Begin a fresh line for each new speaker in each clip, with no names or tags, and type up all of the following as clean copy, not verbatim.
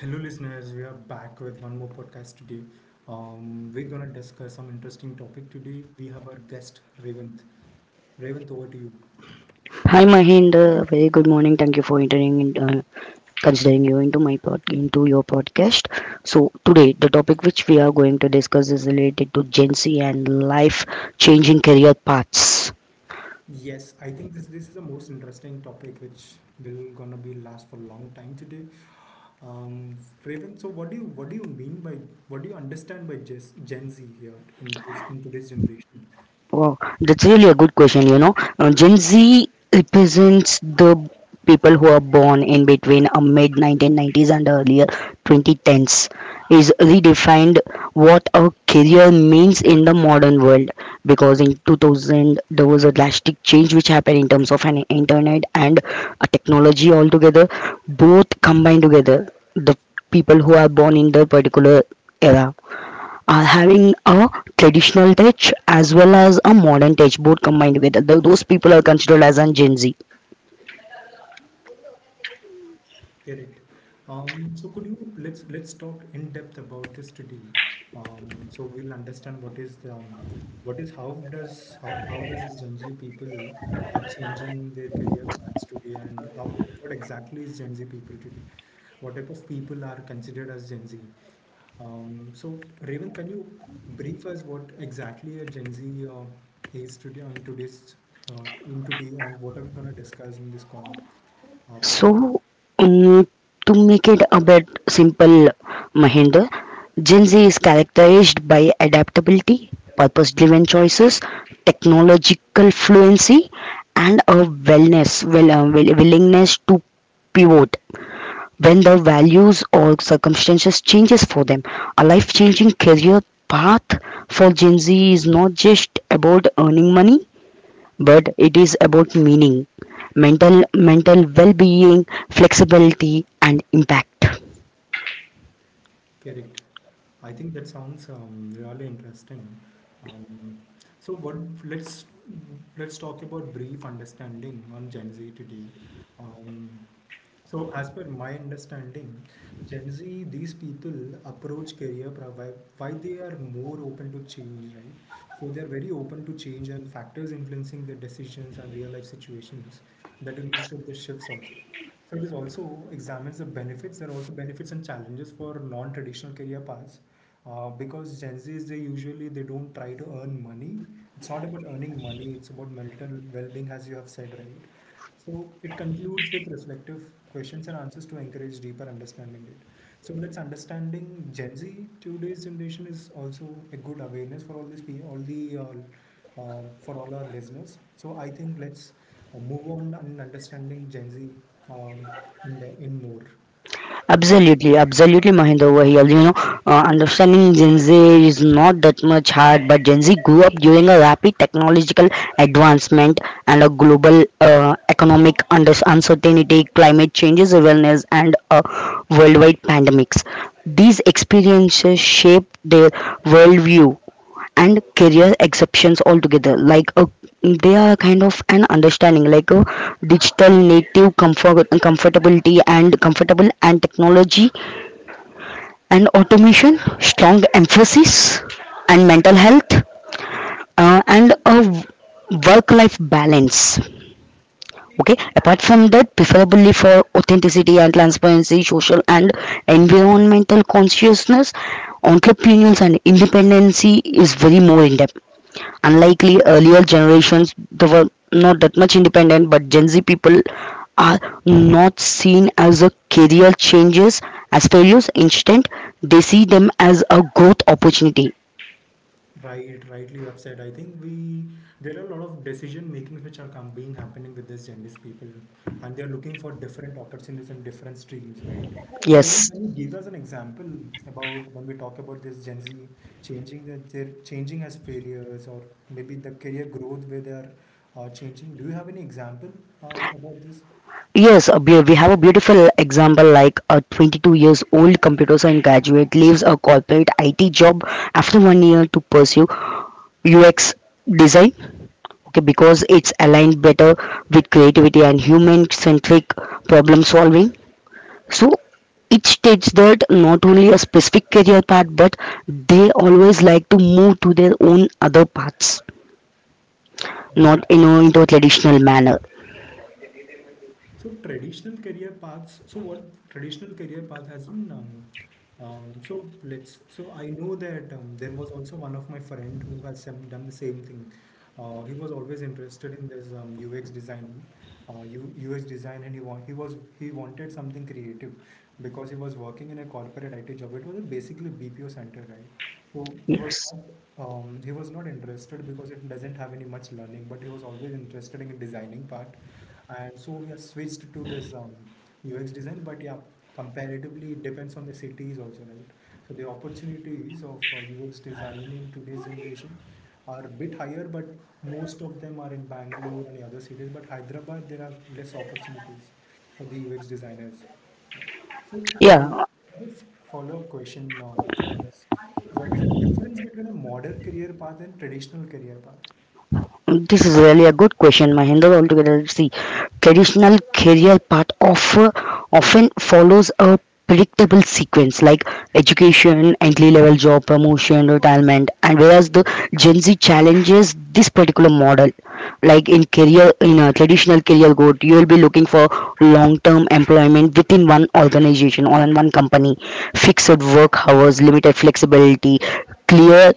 Hello, listeners. We are back with one more podcast today. We're gonna discuss some interesting topic today. We have our guest Revanth. Revanth, over to you.
Hi Mahind, very good morning. Thank you for entering in, considering you into into your podcast. So today the topic which we are going to discuss is related to Gen Z and life changing career paths.
Yes, I think this is the most interesting topic which will gonna be last for a long time today. Um, Revanth, so what do you mean by what do you understand by Gen Z here in this in today's generation?
Wow, that's really a good question. You know, Gen Z represents the people who are born in between mid 1990s and earlier 2010s. Is redefined what a career means in the modern world because in 2000 there was a drastic change which happened in terms of an internet and a technology altogether. Both combined together, the people who are born in the particular era are having a traditional touch as well as a modern touch both combined together. Those people are considered as an gen z.
Correct. So could you let's talk in depth about this today. So we'll understand what is how does how does this Gen Z people are changing their career paths today, and how what exactly is Gen Z people today? What type of people are considered as Gen Z? So Raven, can you brief us what exactly a Gen Z is today on today, and what are we gonna discuss in this call podcast?
So um, to make it a bit simple, Mahendra, gen z is characterized by adaptability, purpose driven choices, technological fluency, and a willingness to pivot when their values or circumstances changes for them. A life changing career path for gen z is not just about earning money, but it is about meaning, mental mental well being, flexibility, and impact.
Correct. I think that sounds really interesting. Um, so what let's let's talk about brief understanding on Gen Z today. Um, so as per my understanding, Gen Z, these people approach why they are more open to change, right? So they are very open to change, and factors influencing their decisions and real life situations that illustrate the shifts also. So it is also examines the benefits. There are also benefits and challenges for non-traditional career paths, because Gen Zs they usually they don't try to earn money. It's not about earning money. It's about mental well-being, as you have said, right? So it concludes with reflective questions and answers to encourage deeper understanding. It So let's understanding Gen Z today's generation is also a good awareness for all this pe all the for all our listeners. So I think let's or move on in understanding Gen Z um, in, the, in more.
Absolutely, absolutely, Mahinder over here. You know, understanding Gen Z is not that much hard, but Gen Z grew up during a rapid technological advancement and a global economic under uncertainty, climate changes awareness, and worldwide pandemics. These experiences shape their worldview and career exceptions altogether, like a, they are kind of an understanding like a digital native comfortability and comfortable and technology and automation, strong emphasis and mental health and a work life balance. Okay, apart from that, preferably for authenticity and transparency, social and environmental consciousness, entrepreneurs and independency is very more in depth. Unlikely earlier generations, they were not that much independent, but gen z people are not seen as a career changes as failures. Instead, they see them as a growth opportunity.
Right, rightly you have said. I think we there are a lot of decision makings which are being happening with this Gen Z people, and they are looking for different opportunities and different streams, right? So,
Yes,
Raymond, can you give us an example about when we talk about this Gen Z changing that they're changing as failures, or maybe the career growth where they are changing? Do you have any example about this?
we have a beautiful example like a 22 years old computer science graduate leaves a corporate it job after 1 year to pursue UX design. Okay, because it's aligned better with creativity and human centric problem solving. So it states that not only a specific career path, but they always like to move to their own other paths,
Right.
not into a traditional manner.
So traditional career paths. So what traditional career path has been? So let's. So I know that there was also one of my friend who has some, done the same thing. He was always interested in this UX design, UX design, and he wanted something creative because he was working in a corporate IT job. It was a basically BPO center, right? So he was
Yes.
not interested because it doesn't have any much learning, but he was always interested in designing part, and so we have switched to this UX design, but yeah, comparatively it depends on the cities also, right? So the opportunities of UX design in today's generation are a bit higher, but most of them are in Bangalore and the other cities. But Hyderabad, there are less opportunities for the UX designers. Right. So, Revathi,
Yeah.
I have a follow-up question. On this. So, what is the difference between a modern career path and traditional career path?
This is really a good question, Mahendra. Altogether, see, traditional career often follows a predictable sequence like education, entry level job, promotion, retirement, and whereas the Gen Z challenges this particular model. Like in career in a traditional career growth, you will be looking for long term employment within one organization or in one company, fixed work hours, limited flexibility, clear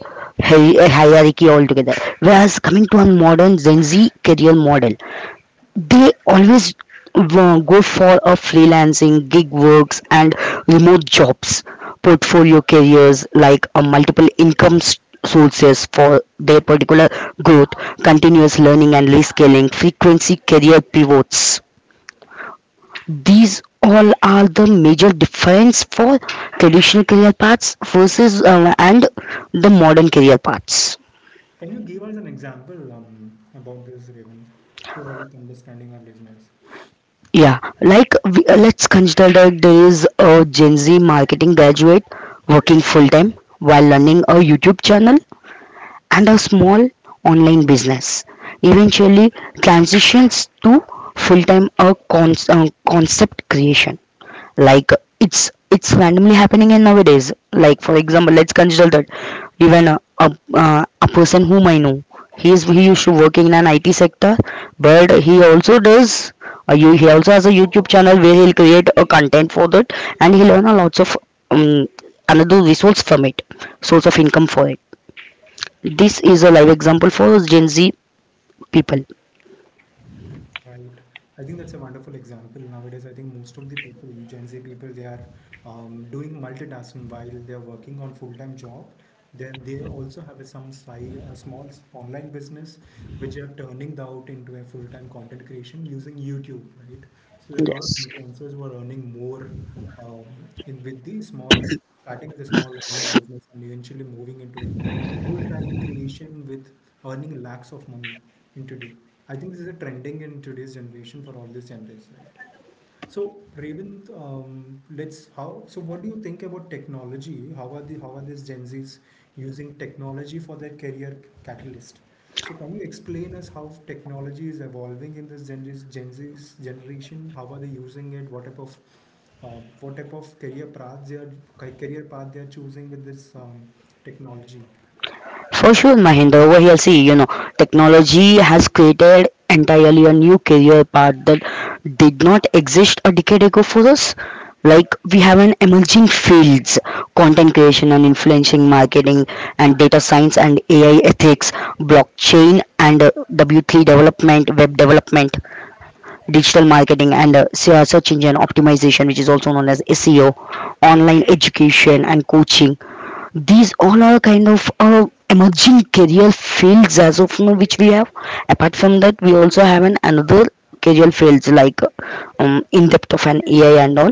a hierarchy altogether. Whereas coming to a modern Gen Z career model, they always go for a freelancing, gig works, and remote jobs, portfolio careers like a multiple income sources for their particular growth, continuous learning and rescaling, frequency career pivots. These all are the major difference for traditional career paths versus and the modern career paths.
Can you give us an example about this, Raven, to help understanding our listeners?
Yeah, like let's consider that there is a Gen Z marketing graduate working full time while running a YouTube channel and a small online business. Eventually, transitions to full time concept creation. Like it's randomly happening in nowadays. Like for example, let's consider that even a person whom I know, he used to working in an it sector, but he also does, you he also has a youtube channel where he'll create a content for that, and he learn a lots of um, another resource from it, source of income for it. This is a live example for gen z people.
Right. I think that's a wonderful example. Nowadays, I think most of the people, Gen Z people, they are doing multitasking while they are working on full-time job. Then they also have some side, a small online business which are turning out into a full-time content creation using YouTube, right? So there are a lot of
Yes.
influencers who are earning more in with starting with a small online business and eventually moving into a full-time creation with earning lakhs of money in today. I think this is a trending in today's generation for all these genders, right? So, Revin, what do you think about technology? How are the how are these Gen Zs using technology for their career catalyst? So, can you explain us how technology is evolving in this Gen Z's generation? How are they using it? Uh, what type of career paths they are ca- career path they are choosing with this technology?
For sure, Mahinder, over here, see, you know, technology has created entirely a new career path that did not exist a decade ago for us. Like, we have an emerging fields, content creation and influencing marketing, and data science and AI ethics, blockchain and W3 development, web development, digital marketing, and search engine optimization, which is also known as SEO, online education and coaching. These all are kind of emerging career fields as of now which we have. Apart from that, we also have an another career fields like in depth of an ai and all.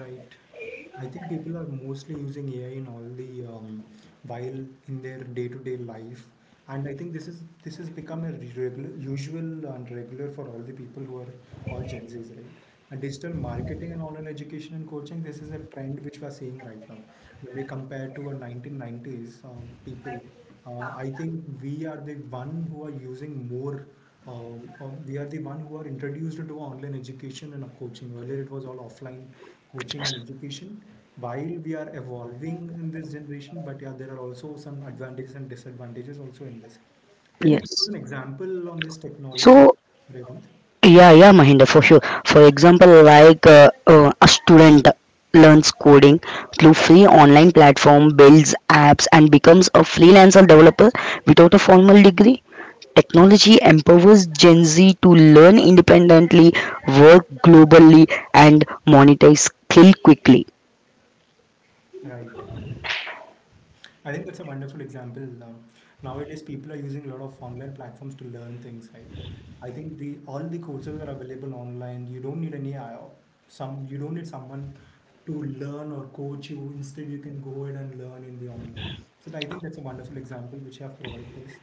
Right. I think people are mostly using AI in all the while in their day-to-day life, and I think this has become a regular, usual and regular for all the people who are all Gen Zs, right? And digital marketing and online education and coaching, this is a trend which we are seeing right now. When we compare to a 1990s people, I think we are the one who are using more we are the one who are introduced to online education and coaching. Earlier, it was all offline coaching and education while we are evolving in this generation, but yeah, there are also some advantages and disadvantages also in this. Can you give us
Yes.
an example on this technology,
So
Revant?
yeah, Mahinda, for sure. For example, like a student learns coding through free online platform, builds apps, and becomes a freelancer developer without a formal degree. Technology empowers Gen Z to learn independently, work globally, and monetize skill quickly.
Right. I think that's a wonderful example. Nowadays, people are using a lot of online platforms to learn things, right? I think the all the courses are available online. You don't need any I- some. You don't need someone to learn or coach you. Instead, you can go ahead and learn in the online. So I think that's a wonderful example which you have provided us.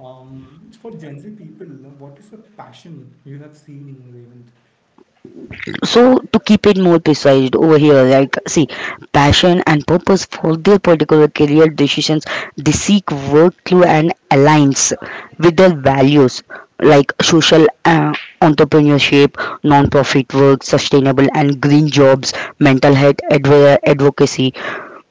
For Gen Z people, what is the passion you have seen, Ravent?
So to keep it more precise over here, like see, passion and purpose for their particular career decisions, they seek work through and aligns with their values like social entrepreneurship, non-profit work, sustainable and green jobs, mental health advocacy.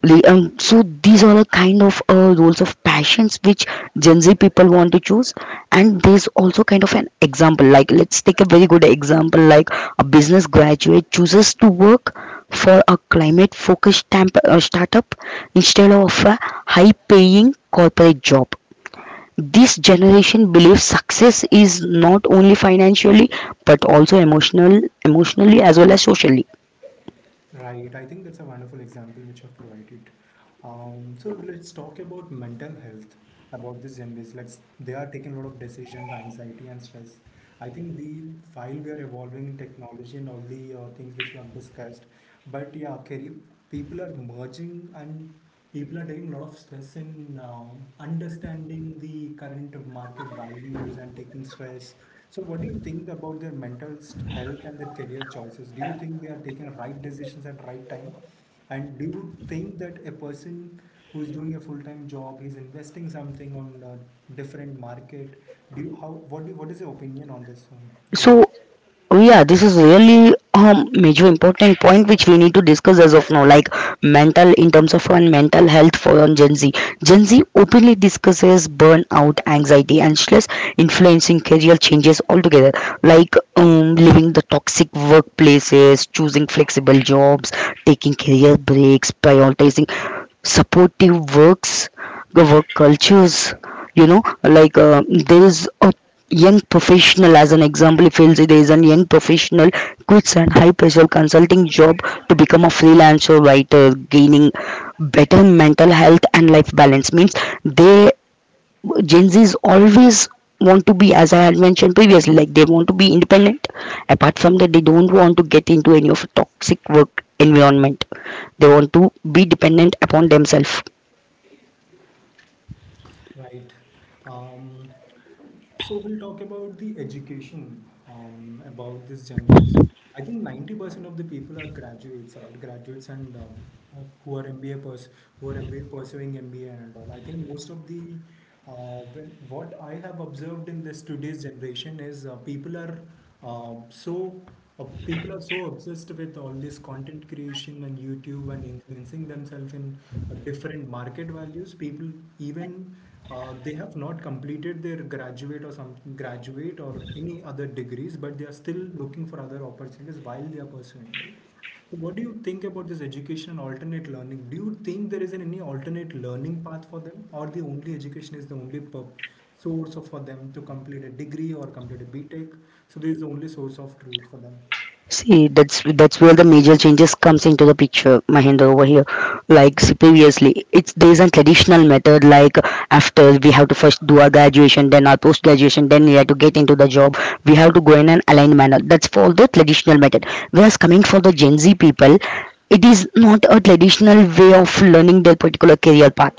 So these are the kind of roles of passions which gen z people want to choose. And there's also kind of an example, like let's take a very good example like a business graduate chooses to work for a climate focused startup instead of a high paying corporate job. This generation believes success is not only financially but also emotionally as well as socially.
Right, I think that's a wonderful example which I've provided. So let's talk about mental health about this Gen Zs. Let's they are taking a lot of decisions, anxiety and stress. I think the While we are evolving in technology and all the things which we have discussed, but yeah, career, people are merging and people are taking a lot of stress in understanding the current market values and taking stress. So, what do you think about their health and their career choices? Do you think they are taking right decisions at right time? And do you think that a person who is doing a full-time job, he's investing something on a different market? Do you how what do you, what is your opinion on this, Raymond?
So oh yeah, this is really a major important point which we need to discuss as of now, like mental in terms of on mental health for on Gen Z. Gen Z openly discusses burnout, anxiety, and stress influencing career changes altogether, like leaving the toxic workplaces, choosing flexible jobs, taking career breaks, prioritizing supportive works, the work cultures. You know, like there is a young professional as an example if there is a young professional quits an high pressure consulting job to become a freelancer writer, gaining better mental health and life balance. Means they, gen z's always want to be, as I had mentioned previously, like they want to be independent. Apart from that, they don't want to get into any of toxic work environment. They want to be dependent upon themselves.
Right. Um, so we'll talk about the education about this generation. I think 90% of the people are graduates, right? Graduates, and who are MBA pers who are MBA pursuing MBA and all. I think most of the what I have observed in this today's generation is uh, so people are so obsessed with all this content creation and YouTube and influencing themselves in different market values. People even they have not completed their graduate or some graduate or any other degrees, but they are still looking for other opportunities while they are pursuing it. So what do you think about this education and alternate learning? Do you think there is an any alternate learning path for them, or the only education is the only pub source of for them to complete a degree or complete a BTech? So this is the only source of truth for them.
See, that's where the major changes comes into the picture, Mahendra over here. Like see, previously, it's there's a traditional method. Like after we have to first do our graduation, then our post graduation, then we have to get into the job. We have to go in an aligned manner. That's for the traditional method. Whereas coming for the Gen Z people, it is not a traditional way of learning their particular career path.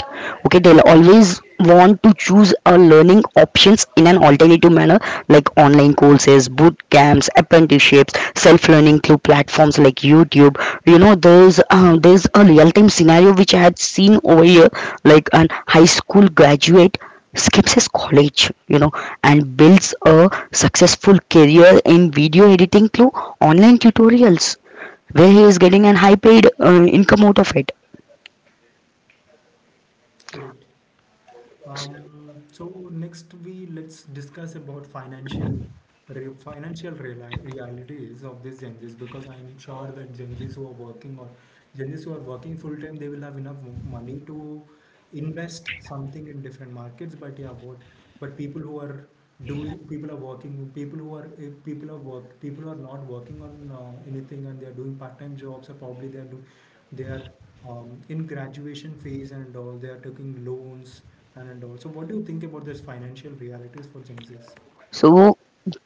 Okay, they'll always want to choose a learning options in an alternative manner, like online courses, boot camps, apprenticeships, self-learning through platforms like youtube. You know, there's a real-time scenario which I had seen over here, like an high school graduate skips his college, you know, and builds a successful career in video editing through online tutorials where he is getting an high paid income out of it.
Correct. So next we let's discuss about financial realities of these Gen Zs, because I'm sure that Gen Zs who are working or Gen Zs who are working full time they will have enough money to invest something in different markets. But yeah, what but people who are doing people are working people who are people who are not working on anything and they are doing part time jobs, or probably they are they are in graduation phase and all they are taking loans and all. So what do you think about this financial realities for Gen Z's?
So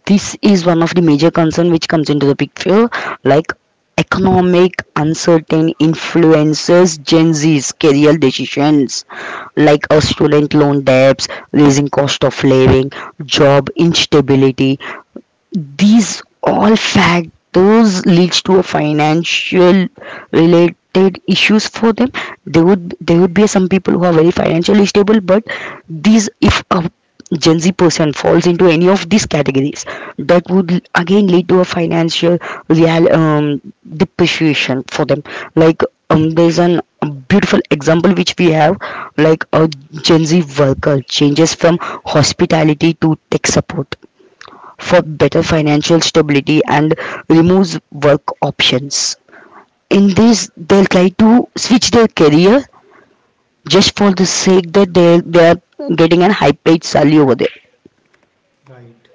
this is one of the major concern which comes into the picture, like economic uncertain influences Gen Z's career decisions, like a student loan debts, raising cost of living, job instability. These all factors leads to a financial related issues for them. There would, be some people who are very financially stable, but these if a Gen Z person falls into any of these categories, that would again lead to a financial real depreciation for them. Like there's an a beautiful example which we have, like a Gen Z worker changes from hospitality to tech support for better financial stability and removes work options. In this, they'll try to switch their career just for the sake that they are getting a high paid salary over there.
Right.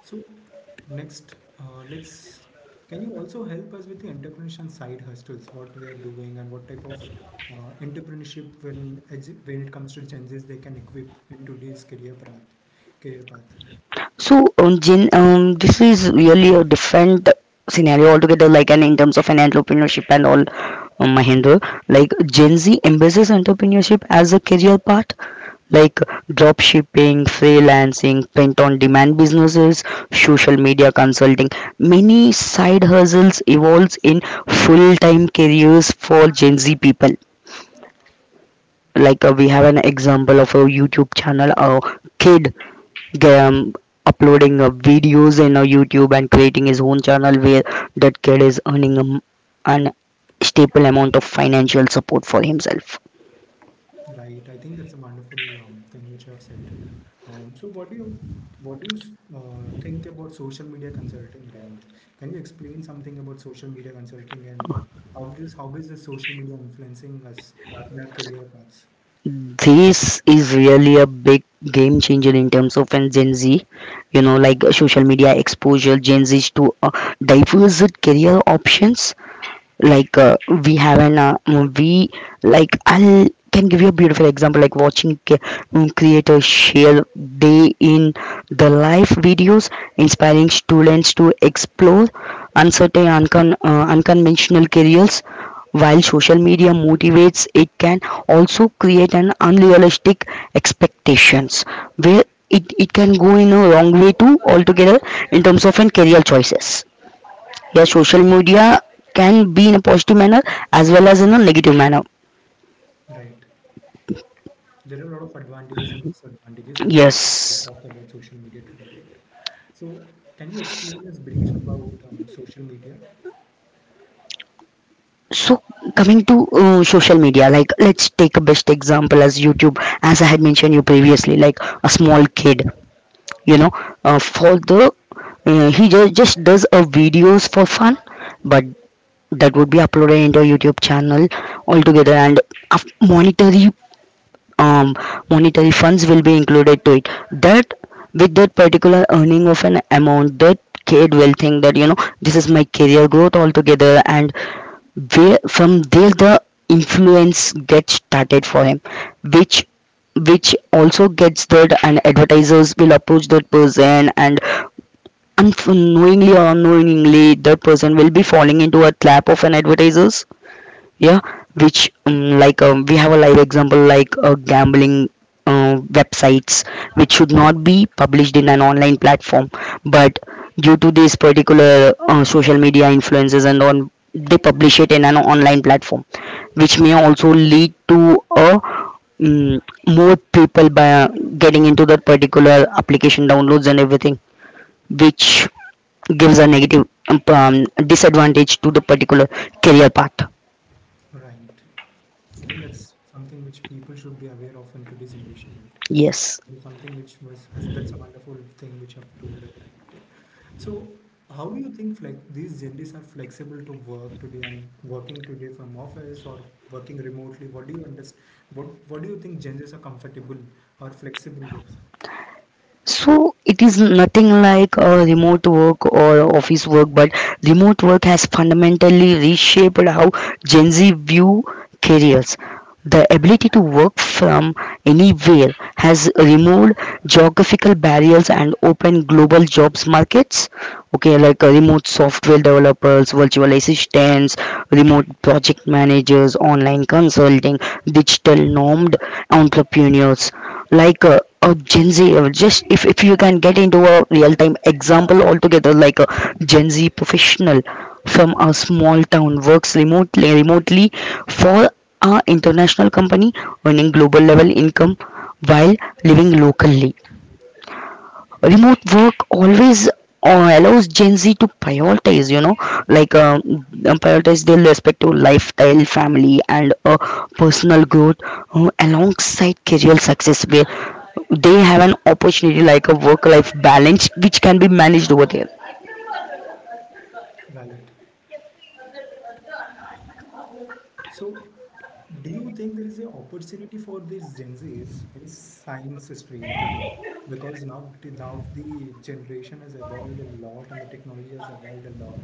So next, let's can you also help us with the entrepreneurship and side hustles what they are doing and what type of entrepreneurship when when it comes to Gen Z's they can equip in today's career path?
So, Jin, this is really a different scenario altogether, like, and in terms of an entrepreneurship and all, Mahendra, like, Gen Z embraces entrepreneurship as a career path, like drop shipping, freelancing, print on demand businesses, social media consulting. Many side hustles evolves in full time careers for Gen Z people. Like, we have an example of a YouTube channel, a kid um, uploading videos in YouTube and creating his own channel where that kid is earning a an staple amount of financial support for himself.
Right. I think that's a wonderful thing which you have said. So, what do you think about social media consulting, Revant? Can you explain something about social media consulting, and how is the social media influencing us in our career paths?
This is really a big game changer in terms of an Gen Z, you know, social media exposure, Gen Z's to diverse career options like we have an we like I'll can give you a beautiful example like watching creators share day in the live videos inspiring students to explore unconventional careers. While social media motivates, it can also create an unrealistic expectations where it can go in a wrong way too altogether in terms of an career choices. Your social media can be in a positive manner as well as in a negative manner.
Right. There are a lot of advantages and disadvantages also that we
Yes.
talked about social media today, right? So, can you explain us brief about social media?
So coming to social media, like let's take a best example as YouTube, as I had mentioned you previously, like a small kid, you know, for the he just does a videos for fun, but that would be uploaded into a YouTube channel altogether. And monetary um, monetary funds will be included to it. That, with that particular earning of an amount, that kid will think that, you know, this is my career growth altogether. And where from there the influence gets started for him, which which also gets that, and advertisers will approach that person and unknowingly or unknowingly that person will be falling into a trap of an advertisers. Yeah, which we have a live example like gambling websites which should not be published in an online platform, but due to these particular social media influences and on, they publish it in an online platform, which may also lead to a mm, more people by getting into that particular application downloads and everything, which gives a negative disadvantage to the particular career path.
Right. I think that's something which people should be aware of in today's generation, right?
Yes.
It's something which was has, that's a wonderful thing which I've told us right. today. So how do you think these genders are flexible to work today and working today from office or working remotely? What do you understand? What do you think genders are comfortable or flexible with?
So it is nothing like a remote work or office work, but remote work has fundamentally reshaped how Gen Z view careers. The ability to work from anywhere has removed geographical barriers and opened global jobs markets. Okay, like remote software developers, virtual assistants, remote project managers, online consulting, digital normed entrepreneurs. Like a Gen Z level. Just, if you can get into a real time example altogether, like a Gen Z professional from a small town works remotely for a international company, earning global level income while living locally. Remote work always allows Gen Z to prioritize, you know, like um, prioritize their respective lifestyle, family, and personal growth alongside career success, where they have an opportunity like a work-life balance, which can be managed over there.
Right. So, do you think there is an opportunity for these Gen Zs in science stream today? Because now the generation has evolved a lot and the technology has evolved a lot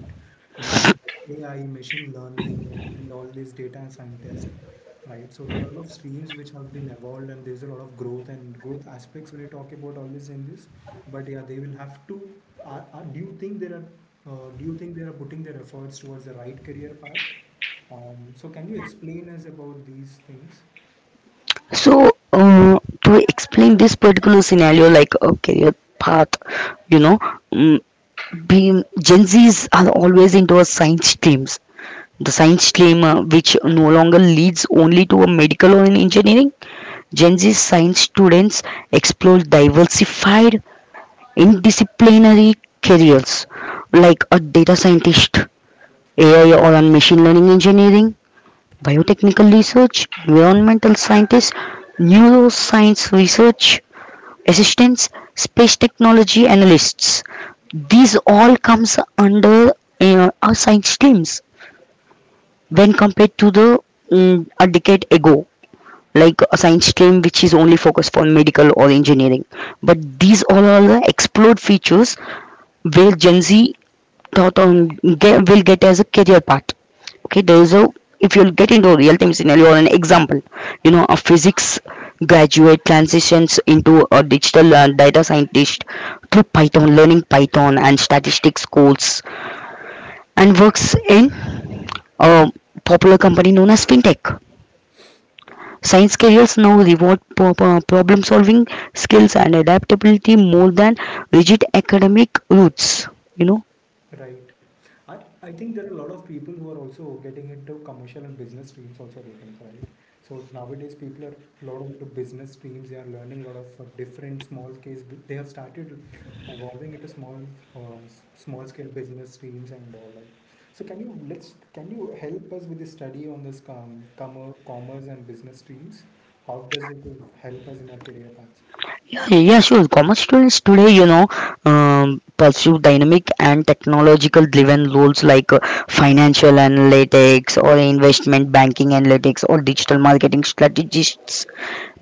in terms of AI, machine learning, and all these data scientists, right? So there are a lot of streams which have been evolved, and there's a lot of growth and growth aspects when you talk about all these Gen Zs. But yeah, they will have to. Do you think there are? Do you think they are putting their efforts towards the right career path? So can you explain us about these things?
So, to explain this particular scenario, like a career path, you know, um, being Gen Zs are always into a science streams. The science stream which no longer leads only to a medical or an engineering. Gen Z science students explore diversified interdisciplinary careers like a data scientist, AI or on machine learning engineering, biotechnical research, environmental scientist, neuroscience research assistants, space technology analysts. These all comes under our science teams, when compared to the a decade ago, like a science stream which is only focused on medical or engineering. But these all are the explored features where Gen Z thought on get, will get as a career path. Okay, there is a, if you'll get into a real time scenario or an example, you know, a physics graduate transitions into a digital data scientist through python learning python and statistics course, and works in a popular company known as fintech. Science careers now reward problem solving skills and adaptability more than rigid academic routes. You know.
Right. I think there are a lot of people who are also getting into commercial and business streams also, Revan, right? So nowadays people are a lot into business streams. They are learning a lot of different small case. They have started evolving into small small scale business streams and all that. So can you let's can you help us with the study on this commerce and business streams? How does it help us in our career path?
Yeah, yeah, sure. Commerce students today, you know, pursue dynamic and technological-driven roles like financial analytics or investment banking analytics or digital marketing strategists,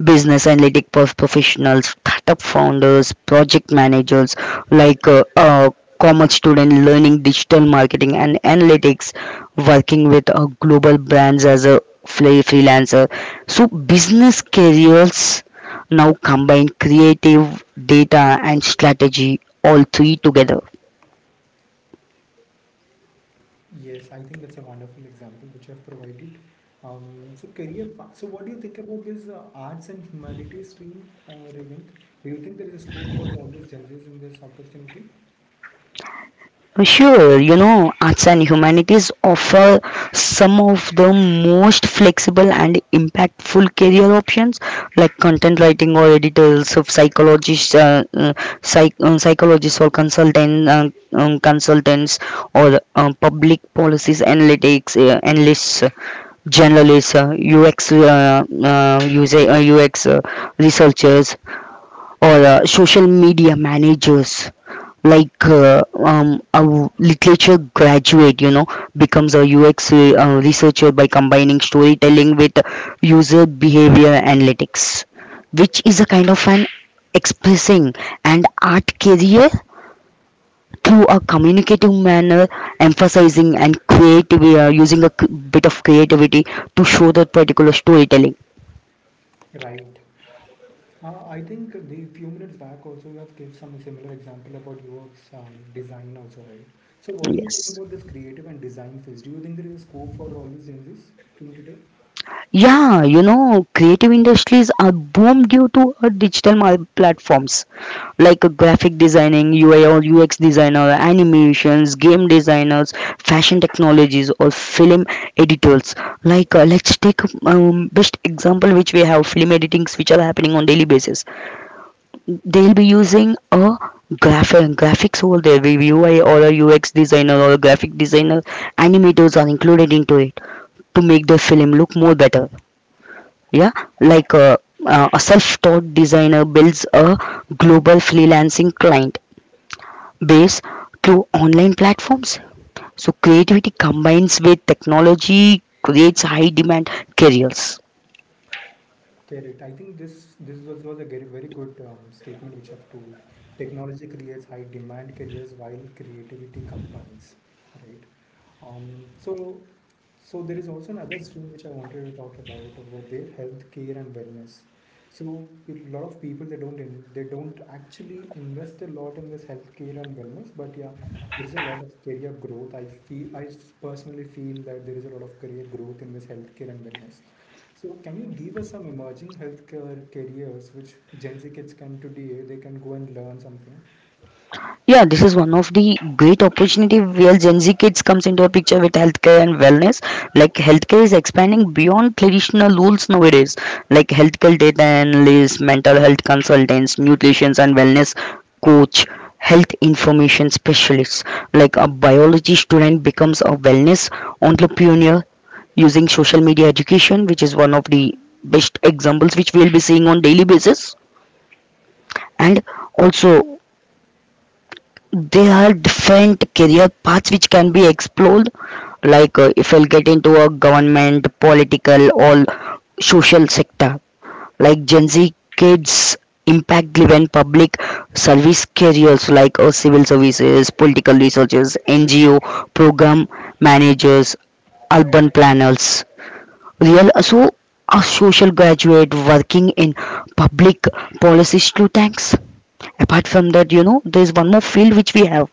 business analytic professionals, startup founders, project managers, like commerce student learning digital marketing and analytics, working with global brands as a freelancer. So business careers now combine creative data and strategy all three together.
Yes, I think that's a wonderful example which you have provided. So career path. So what do you think about this arts and humanities stream, Revant? Do you think there is a scope for all these genres in this opportunity?
Sure, you know, arts and humanities offer some of the most flexible and impactful career options like content writing or editors of psychologists, psychologists or consultants or public policies analytics analysts, journalists, UX researchers or social media managers. Like a literature graduate, you know, becomes a UX researcher by combining storytelling with user behavior analytics, which is a kind of an expressing and art career through a communicative manner, emphasizing and creative, using a bit of creativity to show that particular storytelling.
Right. I think the few minutes back also you have gave some similar example about UX design also, right? So what do you think
Yes.
about this creative and design phase? Do you think there is a scope for all these genres till today?
Yeah, you know, creative industries are boom due to digital platforms like graphic designing, UI or UX designer, animations, game designers, fashion technologies, or film editors. Like, let's take best example which we have, film editings, which are happening on daily basis. They'll be using a graphics over there, with UI or a UX designer or a graphic designer, animators are included into it to make the film look more better. Yeah, like a self-taught designer builds a global freelancing client base through online platforms. So creativity combines with technology, creates high demand careers.
Get it. I think this was a very, very good statement which I've told. Technology creates high demand careers while creativity combines, right? Um, so so there is also another stream which I wanted to talk about their healthcare and wellness. So a lot of people they don't actually invest a lot in this healthcare and wellness, but yeah, there is a lot of career growth. I feel I personally feel that there is a lot of career growth in this healthcare and wellness. So can you give us some emerging healthcare careers which Gen Z kids can today they can go and learn something?
Yeah, this is one of the great opportunity where Gen Z kids comes into a picture with healthcare and wellness. Like healthcare is expanding beyond traditional rules nowadays. Like healthcare data analysts, mental health consultants, nutrition and wellness coach, health information specialists. Like a biology student becomes a wellness entrepreneur using social media education, which is one of the best examples which we will be seeing on daily basis. And also, there are different career paths which can be explored. Like if I'll get into a government, political, or social sector. Like Gen Z kids impact-driven public service careers like civil services, political researchers, NGO, program managers, urban planners. Real so a social graduate working in public policy think tanks. Apart from that, you know, there is one more field which we have,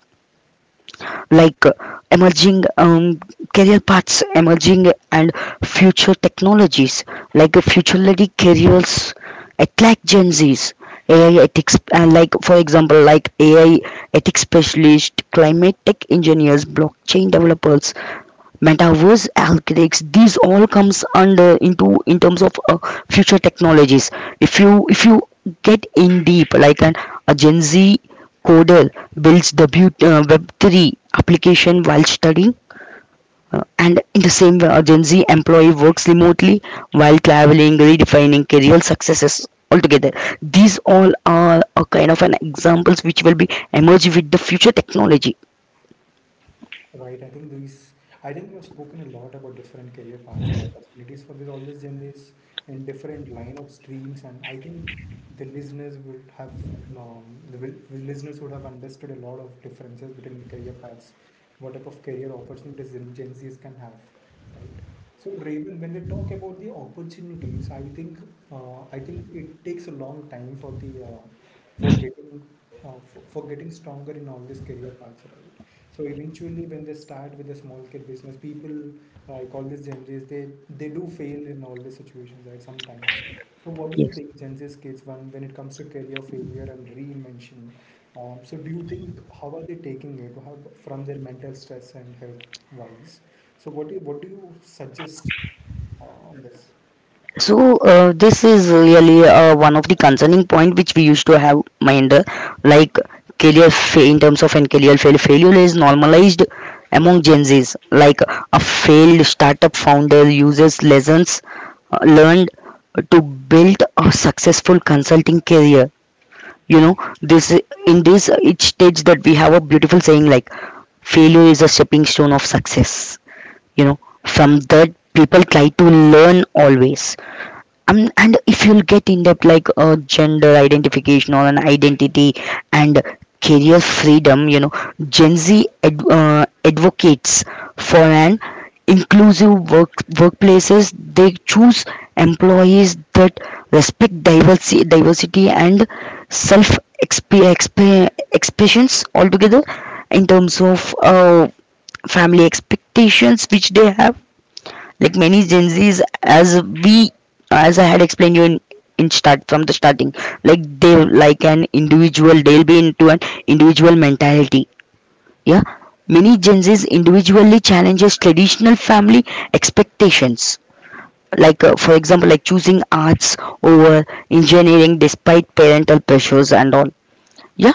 like emerging career paths, emerging and future technologies, like future-ready careers attract Gen Zs. AI ethics, like for example, like AI ethics specialist, climate tech engineers, blockchain developers, metaverse algorithms, these all comes under into in terms of future technologies. If you get in deep, like an a Gen Z coder builds w web3 application while studying, and in the same way a Gen Z employee works remotely while traveling, redefining career successes altogether. These all are a kind of an examples which will be emerge with the future technology.
Right. I think we have spoken a lot about different career paths and opportunities for this all these journeys in different line of streams, and I think the listeners would have the listeners would have understood a lot of differences between the career paths, what type of career opportunities in Gen Zs can have, right? So Raven, when we talk about the opportunities, I think it takes a long time for the for getting for getting stronger in all these career paths, right? So eventually, when they start with a small kid business, people like all these Gen Zs, they do fail in all the situations, right? Sometimes. So what do you
Yes.
think Gen Z's kids when it comes to career failure and reinvention? So do you think how are they taking it how, from their mental stress and health wise? So what do you suggest on this?
So this is really one of the concerning point which we used to have mind, like in terms of and career fail failure is normalized among Gen Zs, like a failed startup founder uses lessons learned to build a successful consulting career. You know, this, in this each stage that we have a beautiful saying, like failure is a stepping stone of success, you know. From that, people try to learn always. And if you'll get in depth, like gender identification or an identity and career freedom, you know, Gen Z advocates for an inclusive workplaces. They choose employees that respect diversity and self expressions altogether in terms of family expectations which they have. Like many Gen Zs, as I had explained you in start from the starting, like they like an individual, they'll be into an individual mentality. Yeah, many Gen Zs individually challenges traditional family expectations. Like for example, like choosing arts over engineering despite parental pressures and all. Yeah,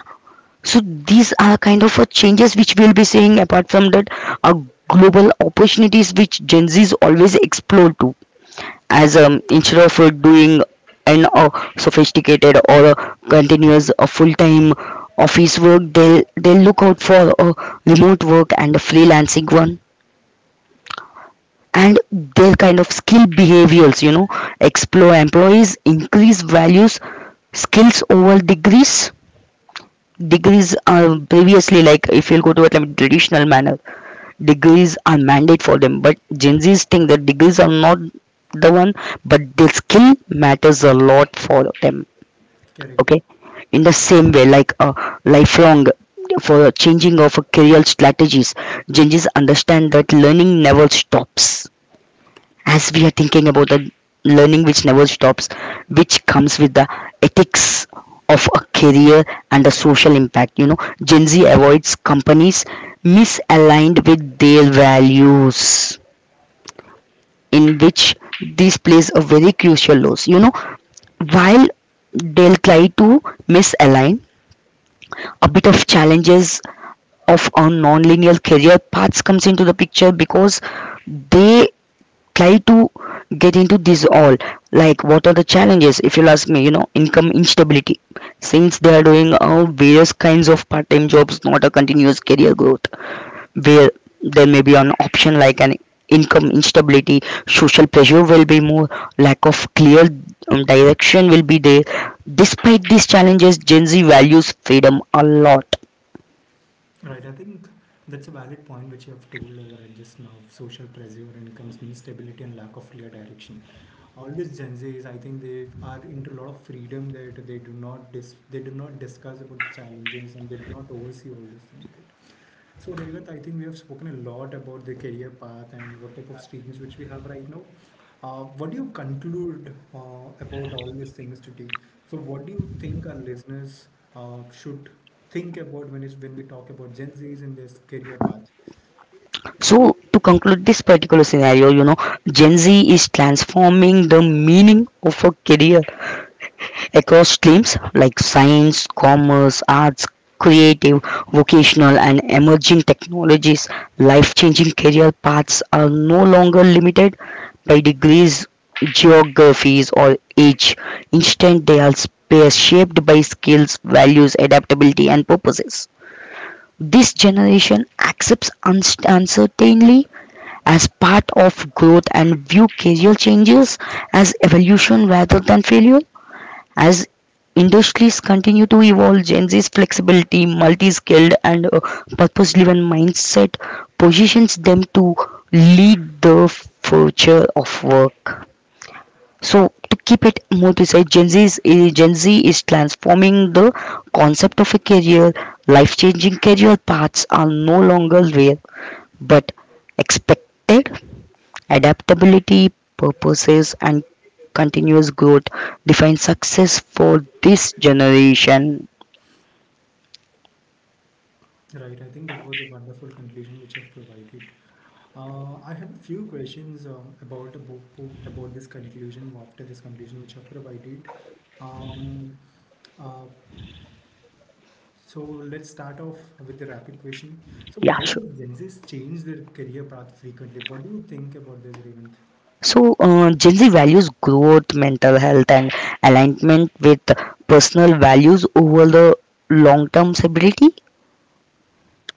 so these are kind of changes which we'll be seeing. Apart from that, are global opportunities which Gen Zs always explore to, as instead of doing an sophisticated or continuous full-time office work, they look out for remote work and the freelancing one. And their kind of skill behaviors, you know, explore employees increase values, skills over degrees. Degrees are previously, like if you'll go to a traditional manner, degrees are mandate for them, but Gen Z's think that degrees are not the one, but their skill matters a lot for them.
Correct.
Okay, in the same way, like a lifelong for changing of career strategies, Gen Z's understand that learning never stops. As we are thinking about the learning which never stops, which comes with the ethics of a career and the social impact. You know, Gen Z avoids companies misaligned with their values, in which this plays a very crucial role. You know, while they'll try to misalign, a bit of challenges of our non-linear career paths comes into the picture, because they try to get into this all. Like, what are the challenges, if you'll ask me, you know, income instability, since they are doing various kinds of part-time jobs, not a continuous career growth, where there may be an option like an income instability, social pressure will be more, lack of clear direction will be there. Despite these challenges, Gen Z values freedom a lot.
Right, I think that's a valid point which you have told right just now. Social pressure, income instability, and lack of clear direction. All these Gen Zs, I think they are into a lot of freedom that they do not discuss about the challenges and they do not oversee all these things, right? So, Devdutt, I think we have spoken a lot about the career path and what type of streams which we have right now. What do you conclude about all these things today? So, what do you think our listeners should think about when it's, when we talk about Gen Zs and their career path?
So to conclude this particular scenario, you know, Gen Z is transforming the meaning of a career across streams like science, commerce, arts, creative, vocational, and emerging technologies. Life changing career paths are no longer limited by degrees, geographies, or age. Instead, they are shaped by skills, values, adaptability, and purposes. This generation accepts uncertainty as part of growth and view career changes as evolution rather than failure. As industries continue to evolve, Gen Z's flexibility, multi-skilled, and purpose-driven mindset positions them to lead the future of work. So, to keep it more precise, Gen Z is transforming the concept of a career. Life-changing career paths are no longer rare, but expected. Adaptability, purposes, and continuous growth define success for this generation.
Right, I think that was a wonderful conclusion which you have provided. I have a few questions about the about this conclusion after this conclusion which I've provided. Um, uh, So let's start off with the rapid question. So
Yeah,
why
sure.
does Gen Zs change their career path frequently? What do you think about this, Revant?
So, Gen Z values growth, mental health, and alignment with personal values over the long-term stability.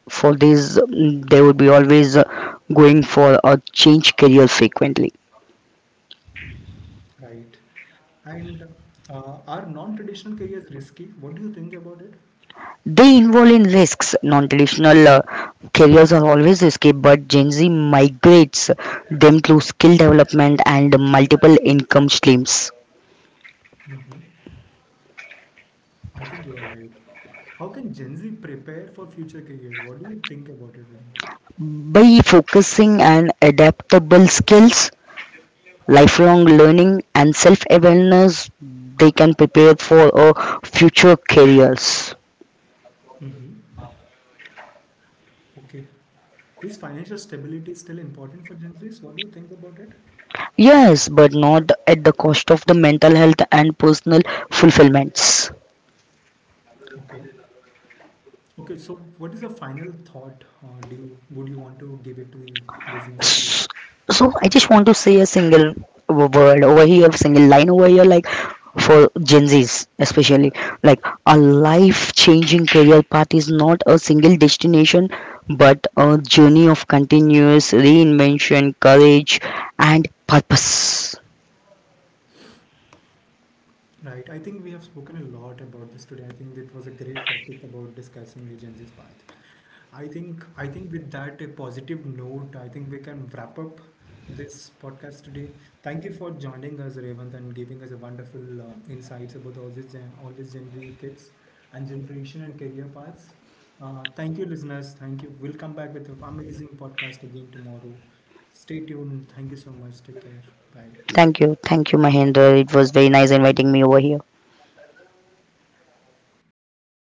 For this, they would be always going for a change career frequently.
Right. And are non-traditional careers risky? What do you think about it?
They involve in risks. Non-traditional careers are always risky, but Gen Z migrates them through skill development and multiple income streams.
Mhm. I think you are right. How can Gen Z prepare for future careers? What do you think about it, Revant?
By focusing on adaptable skills, lifelong learning, and self-awareness, they can prepare for future careers.
Hmm. Okay. Is financial stability still important for Gen Zs? What do you think about it?
Yes, but not at the cost of the mental health and personal fulfillments.
Okay. Okay, so what is the final thought do you would you want to give it to the listeners today?
S- So I just want to say a single word over here, single line over here, like for Gen Zs especially, like a life-changing career path is not a single destination, but a journey of continuous reinvention, courage, and purpose.
Right. I think we have spoken a lot about this today. I think it was a great topic about discussing the Gen agency's path. I think with that a positive note, I think we can wrap up this podcast today. Thank you for joining us, Revant, and giving us a wonderful insights about all these Gen Z kids and generation and career paths. Thank you, listeners. Thank you. We'll come back with an amazing podcast again tomorrow. Stay tuned. Thank you so much. Take care. Bye.
Thank you, Mahendra. It was very nice inviting me over here.